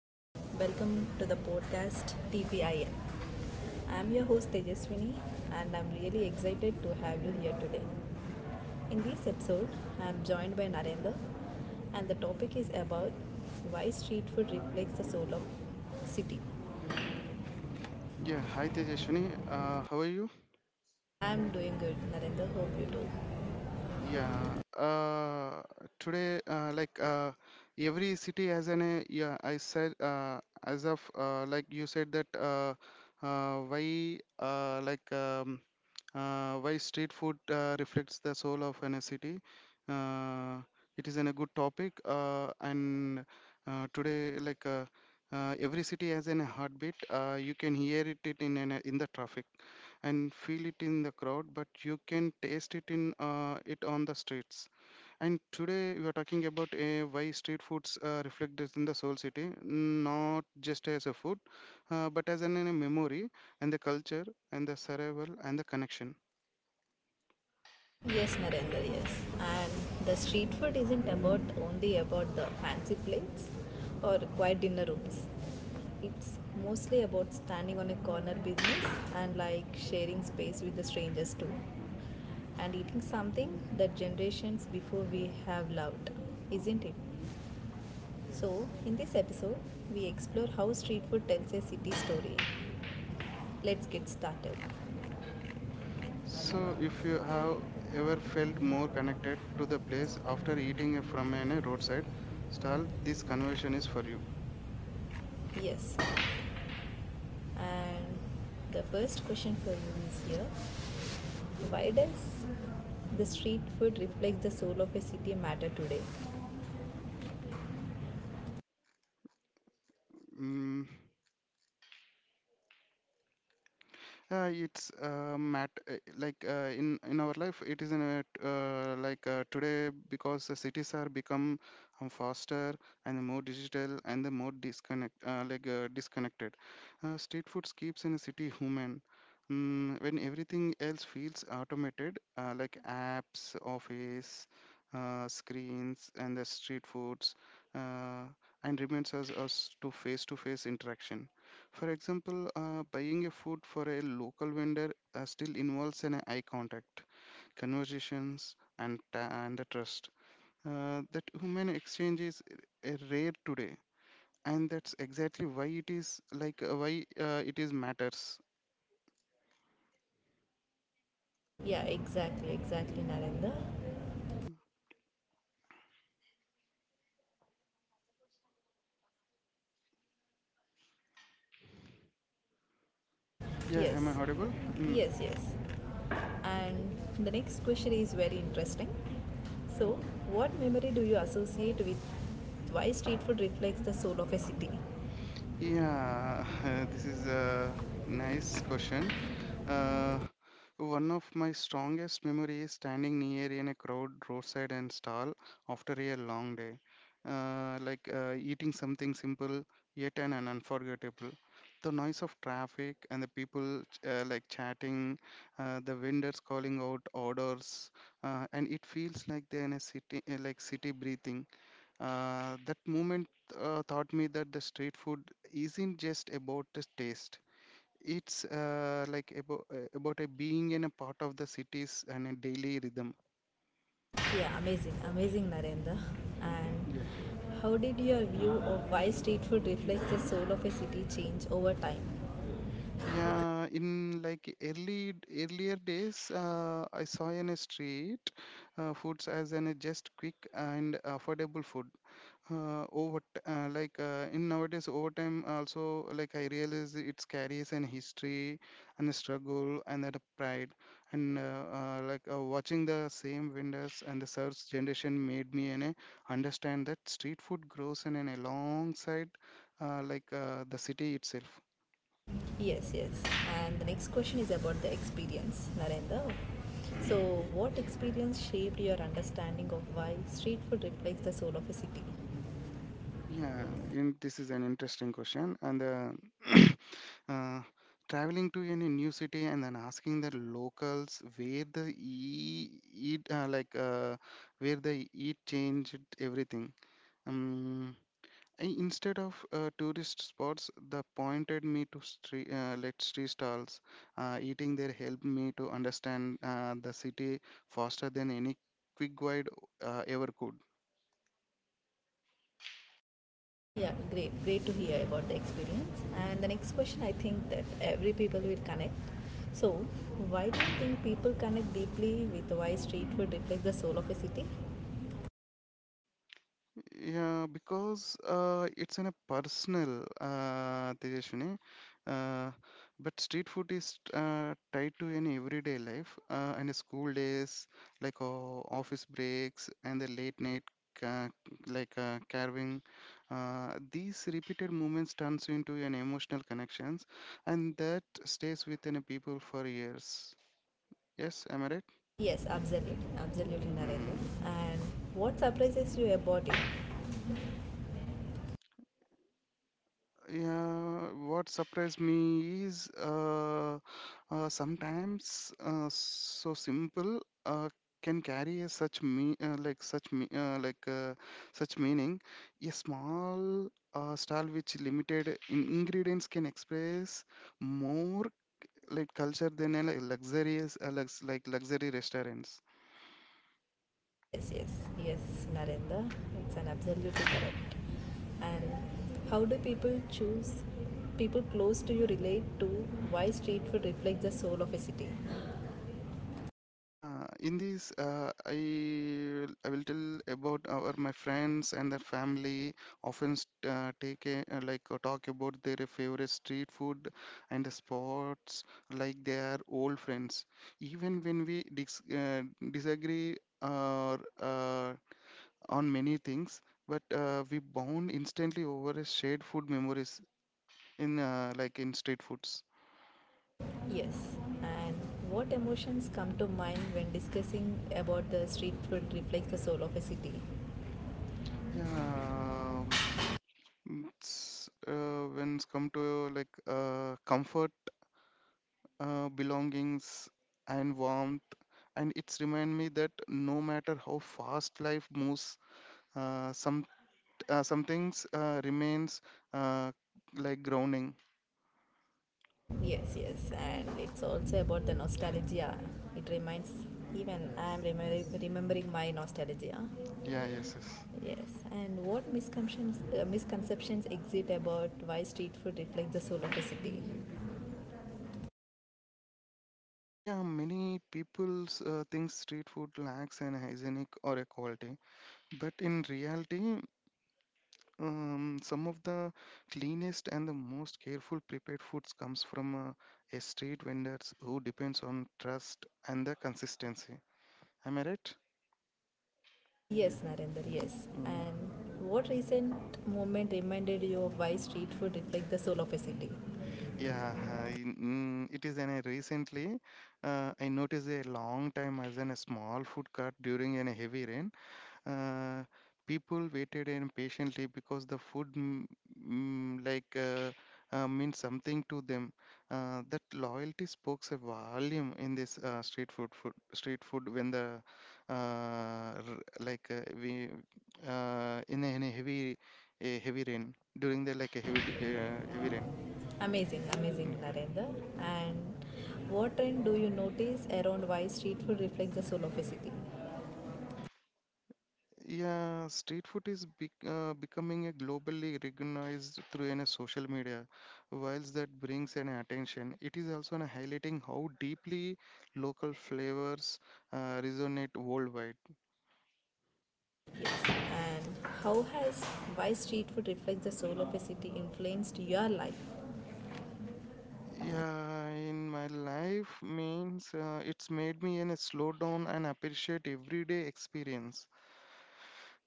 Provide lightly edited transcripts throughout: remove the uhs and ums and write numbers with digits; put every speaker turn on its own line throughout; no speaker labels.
and welcome to the podcast TPIN. I'm your host Tejaswini, and I'm really excited to have you here today. In this episode, I'm joined by Narendra, and the topic is about why street food reflects the soul of city.
Yeah, Hi Tejaswini. How are you?
I'm doing good, Narendra. Hope you too.
Yeah, uh, today, every city has an, I said, as of, you said that, why, why street food reflects the soul of a city. Uh, it is a good topic, and today, every city has an heartbeat. You can hear it in in the traffic, and feel it in the crowd, but you can taste it on the streets. And today, we are talking about why street foods reflect this in the soul city, not just as a food, but as a memory and the culture and the survival and the connection.
Yes, Narendra, yes. And the street food isn't about only about the fancy plates or quiet dinner rooms. It's mostly about standing on a corner business and like sharing space with the strangers too. And eating something that generations before we have loved, isn't it? So, in this episode, we explore how street food tells a city story. Let's get started.
So, if you have ever felt more connected to the place after eating from a roadside stall, this conversation is for you.
Yes. And the first question for you is here: why does the street food reflect the soul of a city matter today?
Mm, it's mat like in our life it is in a, today because the cities are become faster and the more digital and the more disconnected. Street foods keeps in a city human. Mm, when everything else feels automated, apps, office, screens, and the street foods, uh, and reminds us to face-to-face interaction. For example, buying a food for a local vendor still involves an eye contact, conversations, and the trust. That human exchange is rare today, and that's exactly why it is like why it is matters.
Yeah, exactly, exactly, Narendra.
Yeah, am I
Yes,
audible? Mm.
yes, yes. And the next question is very interesting. So, what memory do you associate with why street food reflects the soul of a city?
Yeah, this is a nice question. Uh, One of my strongest memories is standing near in a crowd roadside and stall after a long day, eating something simple yet an unforgettable. The noise of traffic and the people chatting, the vendors calling out orders, and it feels like they're in a city, city breathing. That moment taught me that the street food isn't just about the taste. It's about a being in a part of the cities and a daily rhythm.
Yeah, amazing, amazing, Narendra. And
Yeah.
how did your view of why street food reflects the soul of a city change over time?
Yeah, in like early earlier days, I saw in a street foods as an just quick and affordable food. Over t- like In nowadays overtime also like I realize it carries an history and a struggle and that a pride and watching the same vendors and the third generation made me and understand that street food grows and in a alongside the city itself.
Yes, yes. And the next question is about the experience, Narendra. So, what experience shaped your understanding of why street food reflects the soul of a city?
Yeah, in, this is an interesting question. And uh, Traveling to any new city and then asking the locals where they eat changed everything. Um, I, instead of tourist spots, they pointed me to street stalls. Eating there helped me to understand the city faster than any quick guide ever could.
Yeah, great, great to hear about the experience. And the next question, I think that every people will connect. So, why do you think people connect deeply with why street food reflects the soul of a city?
Yeah, because it's in a personal, Tejaswini. Uh, but street food is tied to an everyday life and school days, office breaks and the late night, ca- carving. These repeated moments turns you into an emotional connections, and that stays within a people for years. Yes, am I right?
Yes, absolutely, absolutely, Narendra.
Mm.
And what surprises you about it?
Yeah, what surprised me is sometimes so simple can carry a such me like such me like such meaning. A small style which limited in ingredients can express more like culture than a like, luxurious lux, like luxury restaurants.
Yes, yes, yes, Narendra. It's an absolutely correct. And how do people choose? People close to you relate to why street food reflects the soul of a city.
In this, I I will tell about our my friends and their family often st- take a, like talk about their favorite street food and the spots like they are old friends. Even when we disagree or uh, on many things, but we bond instantly over a shared food memories in in street foods.
Yes, and what emotions come to mind when discussing about the street food reflects the soul of a city?
Yeah, um, It's when it's come to comfort, belongings, and warmth, and it's remind me that no matter how fast life moves, uh, some some things remains uh, grounding.
Yes, yes, and it's also about the nostalgia. It reminds even I am remembering my nostalgia.
Yeah, yes, yes.
Yes, and what misconceptions misconceptions exist about why street food reflects the soul of a city?
Yeah, many people's think street food lacks an hygienic or a quality, but in reality, some of the cleanest and the most careful prepared foods comes from a street vendors who depends on trust and the consistency. Am I right?
Yes, Narendra. Yes,
Mm.
and what recent moment reminded you of why street food reflects the soul of a city?
Yeah, I- mm, it is. And I recently, I noticed a long time as in a small food cart during a heavy rain. Uh, People waited impatiently because the food m- mm, like meant something to them. That loyalty spoke a volume in this street food when the r- like we in a heavy rain during the heavy rain.
Amazing, amazing,
Yeah.
Narendra. And what trend do you notice around why street food reflects the soul of a city?
Yeah, street food is becoming a globally recognized through in a social media. Whilst that brings an attention, it is also an highlighting how deeply local flavors resonate worldwide.
And how has why street food reflects the soul of a city influenced your life
Yeah, in my life means it's made me in a slow down and appreciate everyday experience.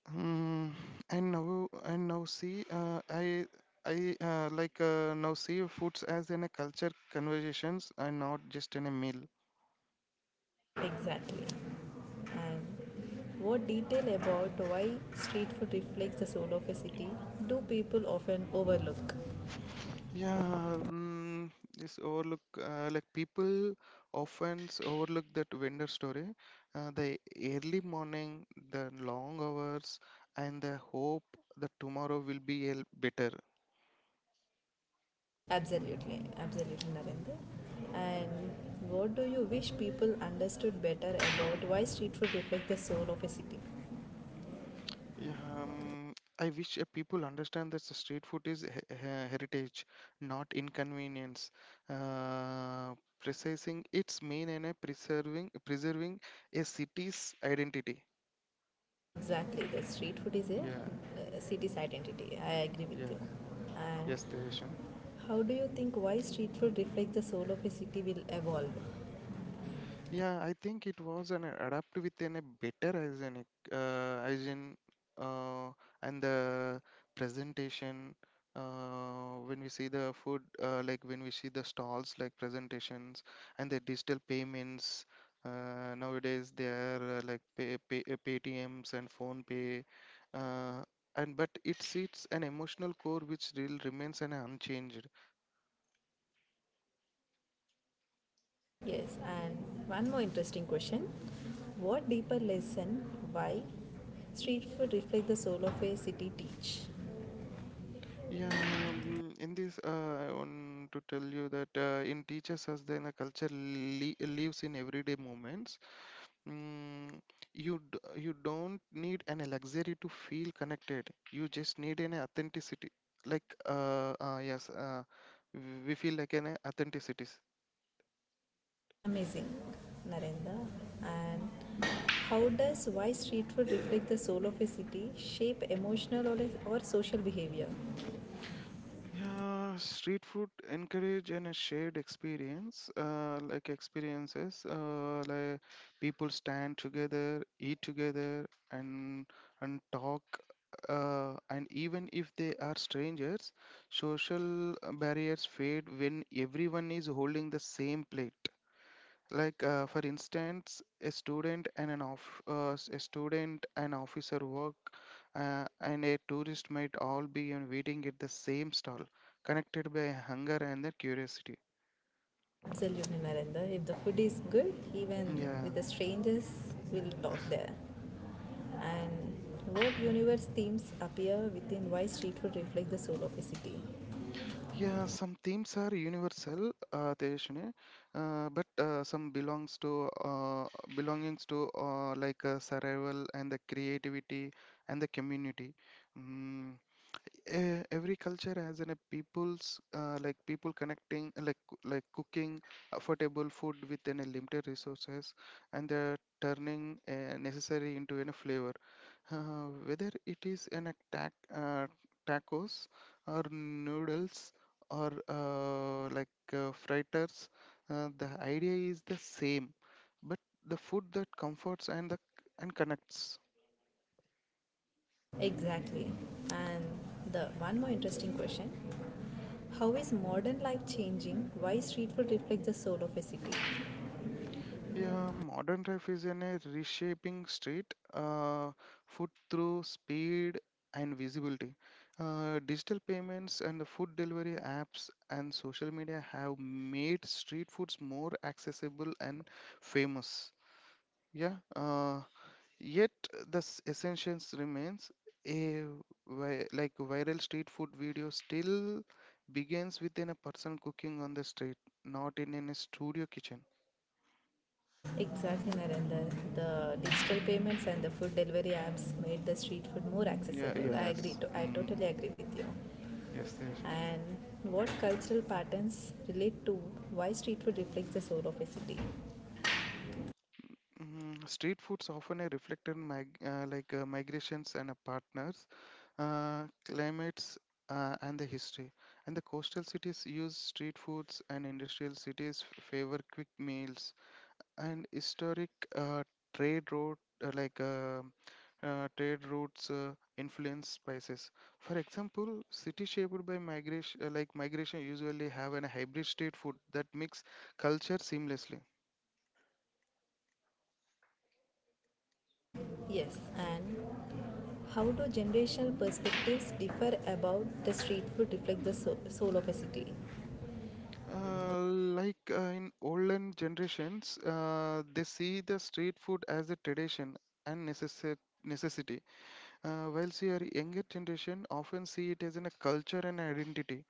Um, and now see I like now see foods as in a culture conversations and not just in a meal.
exactly? And what detail about why street food reflects the soul of a city do people often overlook?
Yeah, this overlook people often overlook that vendor story. The early morning, the long hours, and the hope that tomorrow will be better.
Absolutely, absolutely, Narendra. And what do you wish people understood better about why street food reflects the soul of a city?
Yeah, um, I wish people understand that the street food is heritage, not inconvenience. Uh, Precising its mean and a preserving a city's identity.
Exactly, the street food is a
Yeah,
city's identity. I agree with
yeah,
you. And
yes, Tejas.
how do you think why street food reflects the soul of a city will evolve?
Yeah, I think it was an adapt within a better hygienic hygiene uh, and the presentation. When we see the food, like when we see the stalls, like presentations and the digital payments. Nowadays they are Paytms and phone pay, uh, and but it sits an emotional core which still remains an unchanged.
Yes, and one more interesting question. What deeper lesson why street food reflects the soul of a city teach?
Yeah, in this, I want to tell you that in teaches us then a culture li lives in everyday moments. Mm, you d you don't need an luxury to feel connected. You just need an authenticity. Like, uh, uh, yes, uh, we feel like an authenticity.
Amazing, Narendra. And how does why street food reflect the soul of a city shape emotional or social behavior?
Yeah, street food encourage and a shared experiences, people stand together, eat together, and talk. And even if they are strangers, social barriers fade when everyone is holding the same plate. For instance, a student and an a student and officer work and a tourist might all be in waiting at the same stall, connected by hunger and the curiosity.
Absolutely, Narendra. If the food is good, even
Yeah.
with the strangers, we'll talk there. And what universe themes appear within why street food reflect the soul of a city?
Yeah, some themes are universal, Tejaswini, but some belongs to belongings to survival and the creativity and the community. Mm, every culture has an a people connecting cooking affordable food within a limited resources and they're turning necessary into a flavor whether it is an attack tacos or noodles or fritters, the idea is the same, but the food that comforts and the and connects.
Exactly. And the one more interesting question: how is modern life changing? Why street food reflects the soul of a city?
Yeah, modern life is in a reshaping street food through speed and visibility. Digital payments and the food delivery apps and social media have made street foods more accessible and famous. Yeah, uh, Yet the essentials remains a viral street food video still begins within a person cooking on the street, not in a studio kitchen.
Exactly, Narendra. The digital payments and the food delivery apps made the street food more
Yeah,
accessible. I agree.
yes.
To, I
Mm.
totally agree with you.
Yes, there's
And what cultural patterns relate to why street food reflects the soul of a city?
mm, street foods often a reflected mig- like migrations and partners, uh, climates, and the history. And the coastal cities use street foods, and industrial cities favor quick meals. And historic uh, trade route uh, like uh, trade routes influence spices. For example, cities shaped by migration, migration, usually have an hybrid street food that mix culture seamlessly.
Yes. And how do generational perspectives differ about the street food reflect the soul of a city?
Uh, in olden generations, they see the street food as a tradition and necessity, whilst your younger generation often see it as in a culture and identity.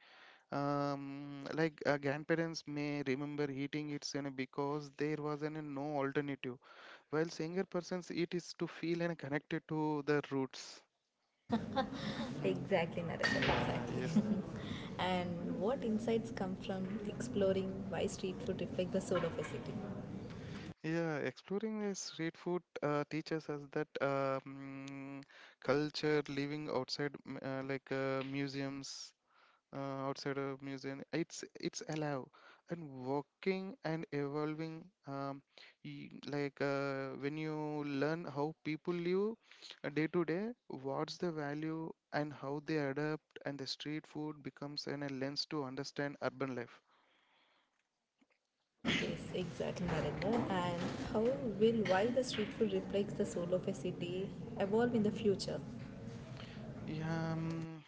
Grandparents may remember eating it you know, because there was an, a no alternative, whilst younger persons eat is to feel and connected to the roots. Mm.
Exactly, Narendra.
Yeah, yes,
Exactly. And what insights come from exploring why street food reflect the soul of a city?
yeah, exploring the street food teaches us that culture, living outside, museums, outside of museum, it's alive and walking and evolving. When you learn how people live day to day, what's the value and how they adapt, and the street food becomes an a lens to understand urban life.
Yes, exactly, Narendra. And how will why the street food reflects the soul of a city evolve in the future?
Yeah.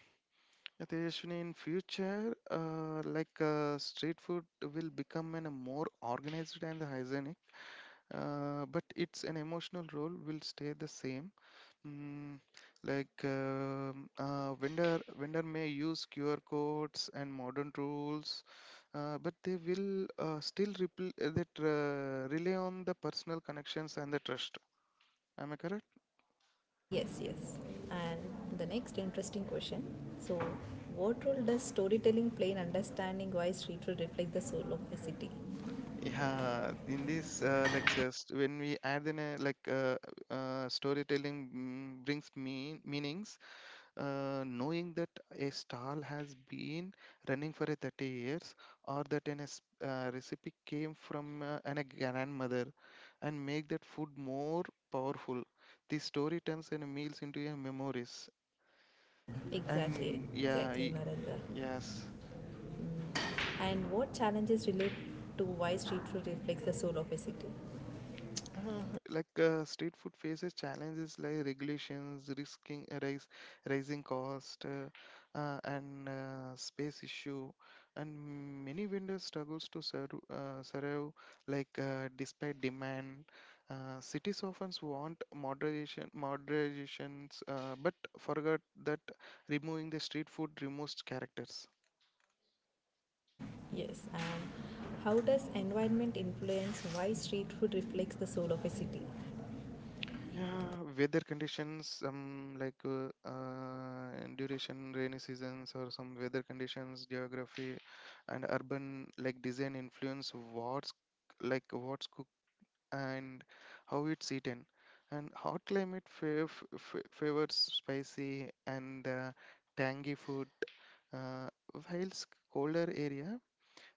Yeah, Tejaswini, in future, street food will become an, a more organized and hygienic, but its an emotional role will stay the same. Mm, vendor may use QR codes and modern tools, but they will rely on the personal connections and the trust. Am I correct?
Yes, yes. And the next interesting question. So, what role does storytelling play in understanding why street food reflects the soul of a city?
Yeah, in these lectures, when we add in a storytelling brings meanings, knowing that a stall has been running for a 30 years, or that recipe came from an, a grandmother, and make that food more powerful. The story turns in meals into your memories,
Exactly,
and yeah,
exactly, Narendra.
yes.
And what challenges relate to why street food reflects the soul of a city?
Uh, like street food faces challenges like regulations, rising cost, and space issue, and many vendors struggles to serve, survive. Like despite demand, cities often want moderations, but forgot that removing the street food removes characters.
Yes, and how does environment influence why street food reflects the soul of a city?
Yeah, weather conditions, duration, rainy seasons, or some weather conditions, geography, and urban like design influence what's cooked and how it's eaten. And hot climate favors spicy and tangy food, uh, whilst colder area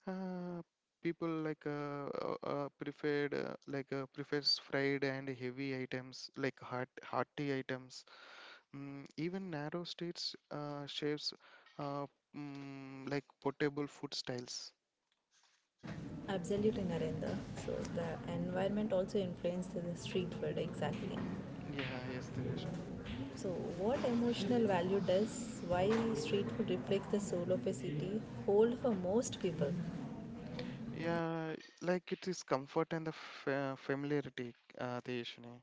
uh, people like preferred like prefers fried and heavy items like hot hearty items. Even narrow states shapes uh, like portable food styles.
Absolutely, Narendra. So the environment also influences the street food exactly.
Yeah, yes, Tejashini.
So what emotional value does why street food reflects the soul of a city hold for most people?
Yeah, like it is comfort and the fa familiarity, Tejashini.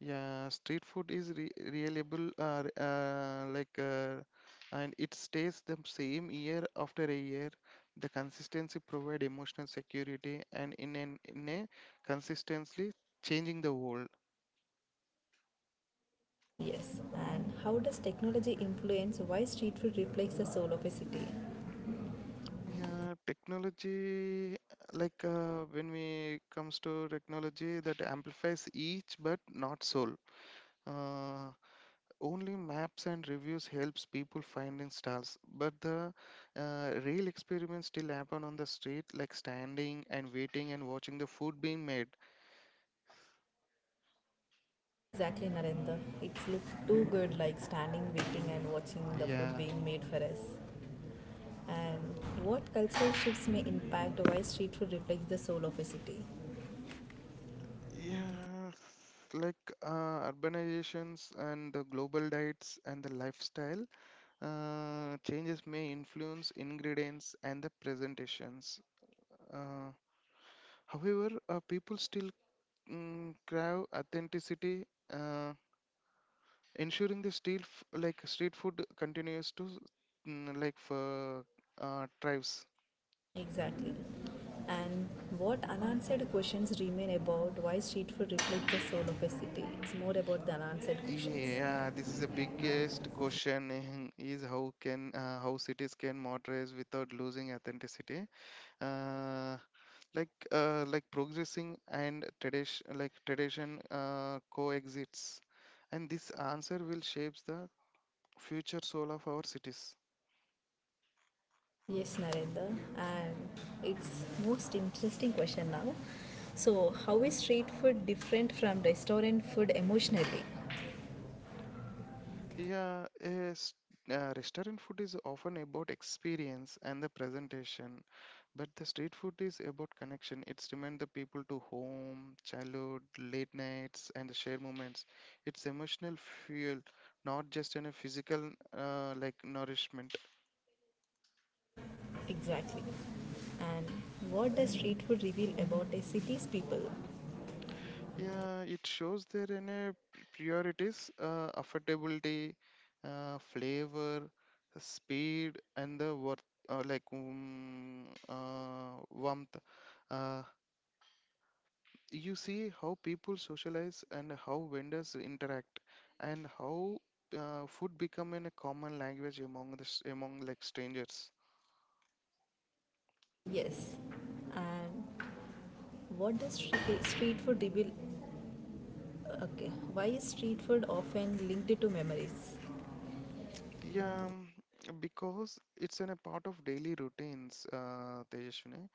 Yeah, street food is re reliable, and it stays the same year after a year. The consistency provide emotional security, and in a consistently changing the world.
Yes. And how does technology influence why street food reflects the soul of a city?
Yeah, technology, like when we comes to technology, that amplifies each but not soul. Uh, Only maps and reviews helps people finding stars but the real experiments still happen on the street like standing and waiting and watching the food being made
Exactly, Narendra. It's look too good like standing, waiting, and watching the food
yeah
being made for us. And what cultural shifts may impact why street food reflects the soul of a city?
yeah like urbanizations and the global diets and the lifestyle changes may influence ingredients and the presentations, uh, however people still crave authenticity uh, ensuring the street f- like street food continues to like for tribes.
Exactly. And what unanswered questions remain about why street food reflects the soul of a city? It's more about the unanswered questions.
Yeah, this is the biggest question is how can how cities can modernize without losing authenticity, uh, like progressing and tradition coexists, and this answer will shapes the future soul of our cities.
Yes, Narendra. And it's most interesting question now. So, how is street food different from restaurant food emotionally?
Yeah, yes, restaurant food is often about experience and the presentation, but the street food is about connection. It's remind the people to home, childhood, late nights, and the shared moments. It's emotional fuel, not just in a physical nourishment.
Exactly. And what does street food reveal about a city's people?
Yeah, it shows there in a priorities, affordability, flavor, speed, and the worth, warmth. Uh, you see how people socialize and how vendors interact and how food become in a common language among the s- among like strangers.
Yes. And what does street food reveal? Okay, why is street food often linked to memories?
yeah um, because it's in a part of daily routines, Tejaswini.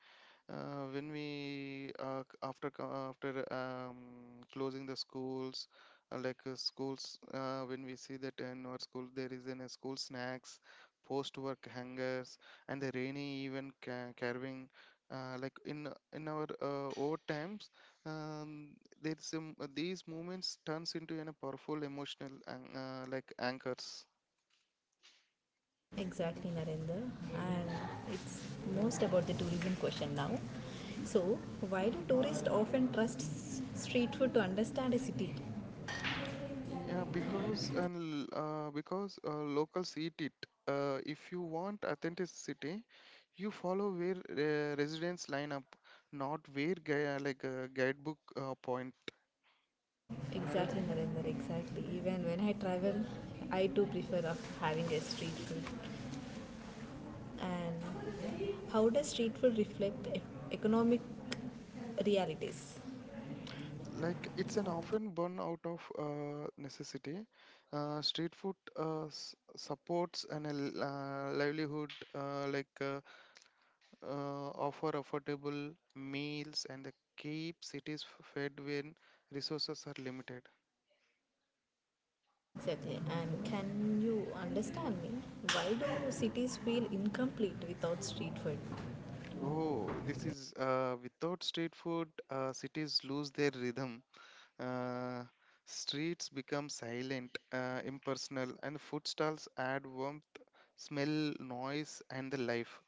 When we c- after co- after closing the schools, when we see that in our school there is in a school snacks, post work hangers, and the rainy even carving, in our old times, um, there's some these moments turns into an, a powerful emotional anchors.
Exactly, Narendra. And it's most about the tourism question now. So, why do tourists often trust street food to understand a city?
Yeah, because and because locals eat it. If you want authenticity, you follow where residents line up, not where a guidebook point. Am I right?
Exactly, Narendra,
Mm,
exactly. Even when I travel, I too prefer of having a street food.
mm.
And how does street food reflect economic realities?
Like it's an often born out of necessity. Street food supports livelihood, offer affordable meals and they keep cities fed when resources are limited.
Exactly. And can you understand me? Why do cities feel incomplete without street food?
Oh, this is without street food, cities lose their rhythm. Uh, Streets become silent, impersonal, and food stalls add warmth, smell, noise, and the life.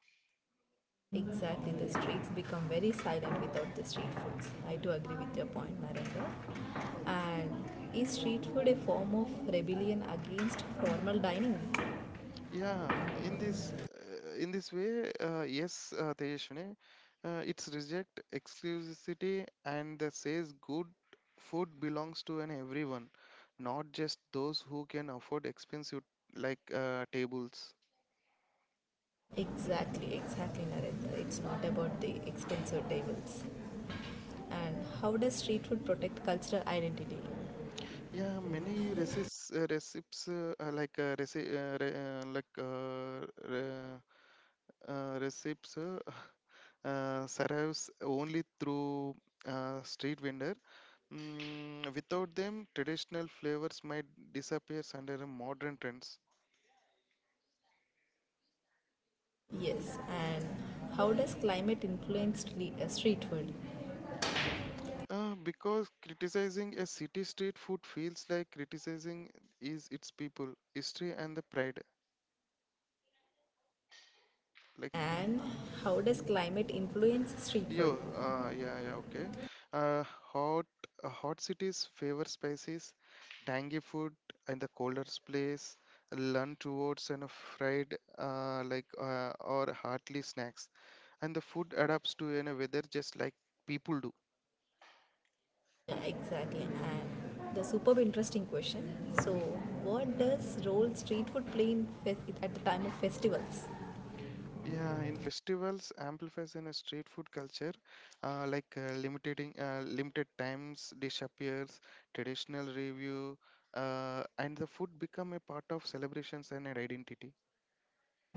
Exactly. The streets become very silent without the street foods.
Mm.
I do agree with your point, Narendra. And is street food a form of rebellion against formal dining?
Yeah, in this way, yes, Tejaswini, it's reject exclusivity and that says good food belongs to an everyone, not just those who can afford expensive tables.
Exactly, exactly, Narendra. It's not about the expensive tables. And how does street food protect cultural identity?
Yeah, many recipes like reci- re- like re- recipes. Survives only through street vendor. Without them, traditional flavors might disappear under the modern trends.
Yes. And how does climate influence street food?
Because criticizing a city street food feels like criticizing is its people, history, and the pride.
Yes,
Like
and how does climate influence street food?
Yeah, yeah, okay. Uh, hot, uh, hot cities favor spices, tangy food, and the colder place lean towards and a fried or hearty snacks, and the food adapts to any weather just like people do.
Yeah, exactly. And the superb interesting question. So, what does role street food play in at the time of festivals?
Yeah, in festivals amplifies in a street food culture, like limiting limited times dish appears, traditional review, and the food become a part of celebrations and an identity.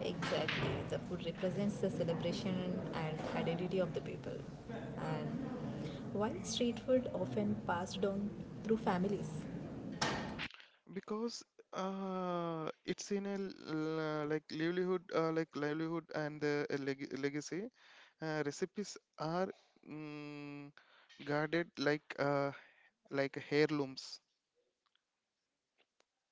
Exactly, the food represents the celebration and identity of the people. And why is street food often passed down through families?
Because it's in a livelihood and the legacy, recipes are mm, guarded like heirlooms.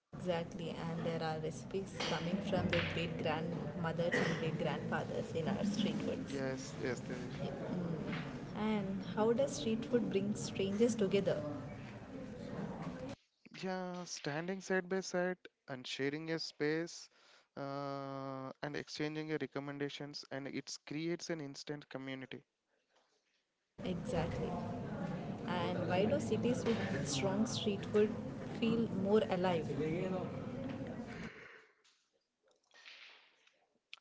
Exactly, and there are recipes coming from the great grandmothers and great grandfathers in our street foods.
Yes, yes, Tejaswini.
And how does street food bring strangers together?
Yeah, standing side by side and sharing a space, and exchanging your recommendations and it creates an instant community.
Exactly. And why do cities with strong street food feel more alive?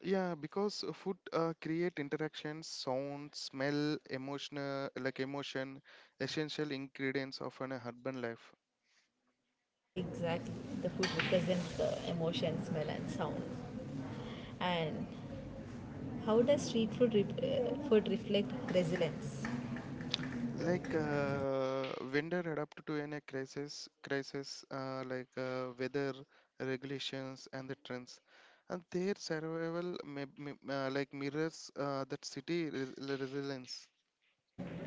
Yeah, because food create interactions, sound, smell, emotion, essential ingredients of an urban life.
Exactly. The food represents the emotion, smell, and sound. And how does street food reflect resilience?
Like vendor adapt to any crisis, weather regulations and the trends, and their survival may, like mirrors that city resilience.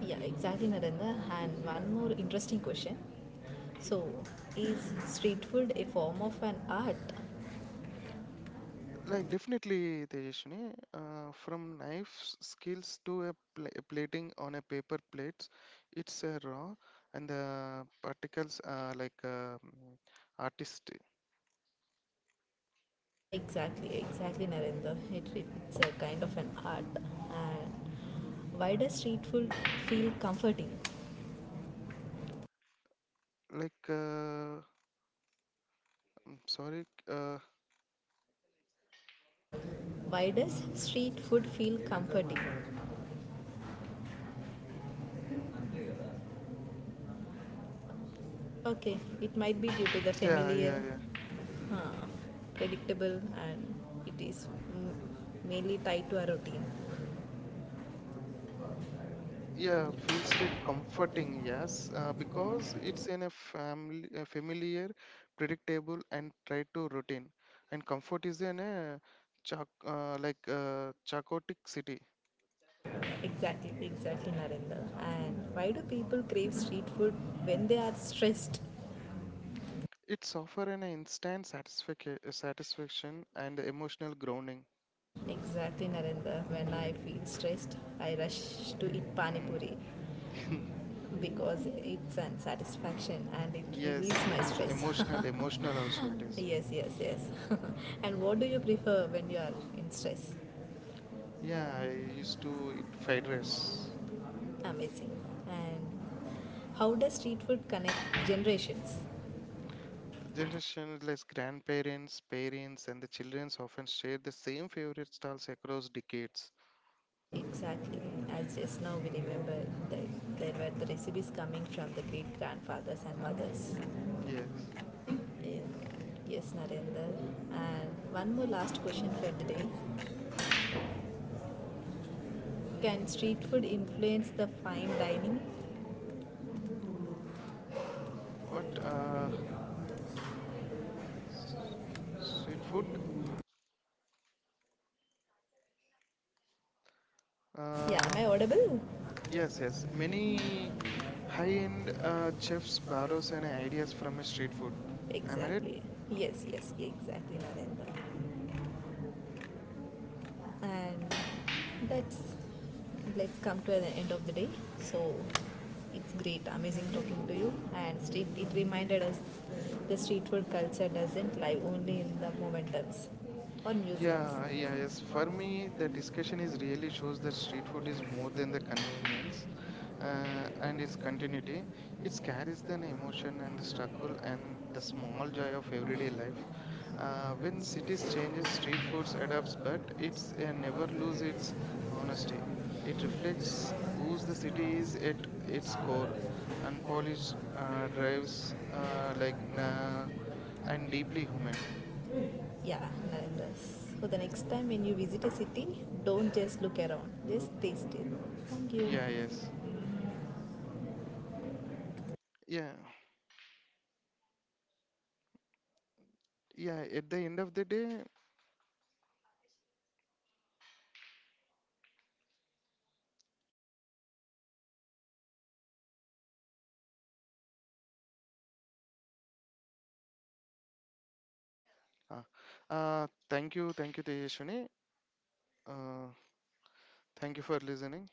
Yeah, exactly, Narendra. And one more interesting question. So, is street food a form of an art?
Like definitely, Tejashini, from knife skills to a plating on a paper plates, it's a raw and the particles are artist.
Exactly, exactly, Narendra. It's a kind of an art. And why does street food feel comforting?
Like I'm sorry,
Why does street food feel comforting?
mm,
Okay, it might be due to the
yeah,
familiar,
yeah, yeah,
uh, predictable, and it is m- mainly tied to a routine.
yeah. Feels that comforting, yes, because it's in a familiar, predictable, and try to routine. And comfort is in a chak like chaotic city.
Exactly, exactly, Narendra. And why do people crave street food when they are stressed?
It's offer an instant satisfaction and emotional grounding.
Exactly, Narendra. When I feel stressed, I rush to eat pani
Mm.
puri because it's a satisfaction and it relieves
Yes,
my
it is
stress.
emotional also it is.
Yes, yes, yes. And what do you prefer when you are in stress?
Yeah, I used to eat fried rice.
Amazing. And how does street food connect generations?
Generations like grandparents, parents, and the childrens often share the same favorite stalls across decades.
Exactly. As just now we remember that there were the recipes coming from the great grandfathers and mothers.
Yes.
Yes, Narendra. And one more last question for today. Can street food influence the fine dining?
What s- street food?
Yeah, am
Uh,
I audible?
yes, yes. Many high-end chefs borrows and ideas from a street food. Am I right?
Exactly. Yes, yes, exactly, Narendra. And that's, let's come to the end of the day. So it's great amazing talking to you, and street it reminded us the street food culture doesn't lie only in the momentums or museums.
Yeah, yeah,
It's
yes. For
funny,
me,
the
the
discussion
discussion is
is really
really
shows
shows
the
that street
sharing
food
of
is more
both in
than the
the communities
convenience
and
and
its
its continuity.
continuity. It
It
stands
carries
the
the
emotion
emotion
and
and
the
the struggle
struggle
and
and
the
this
small joy of
moment
everyday
of,
life. When cities changes, street foods adapts, but it's never lose its honesty. It reflects who's the city is at its core, unpolished drives like and deeply human.
yeah, like this. So the next time when you visit a city, don't just look around, just taste it. Thank
Yeah,
you.
yes, yeah. Yeah, at the end of the day, thank you, Tejaswini, uh thank you for listening.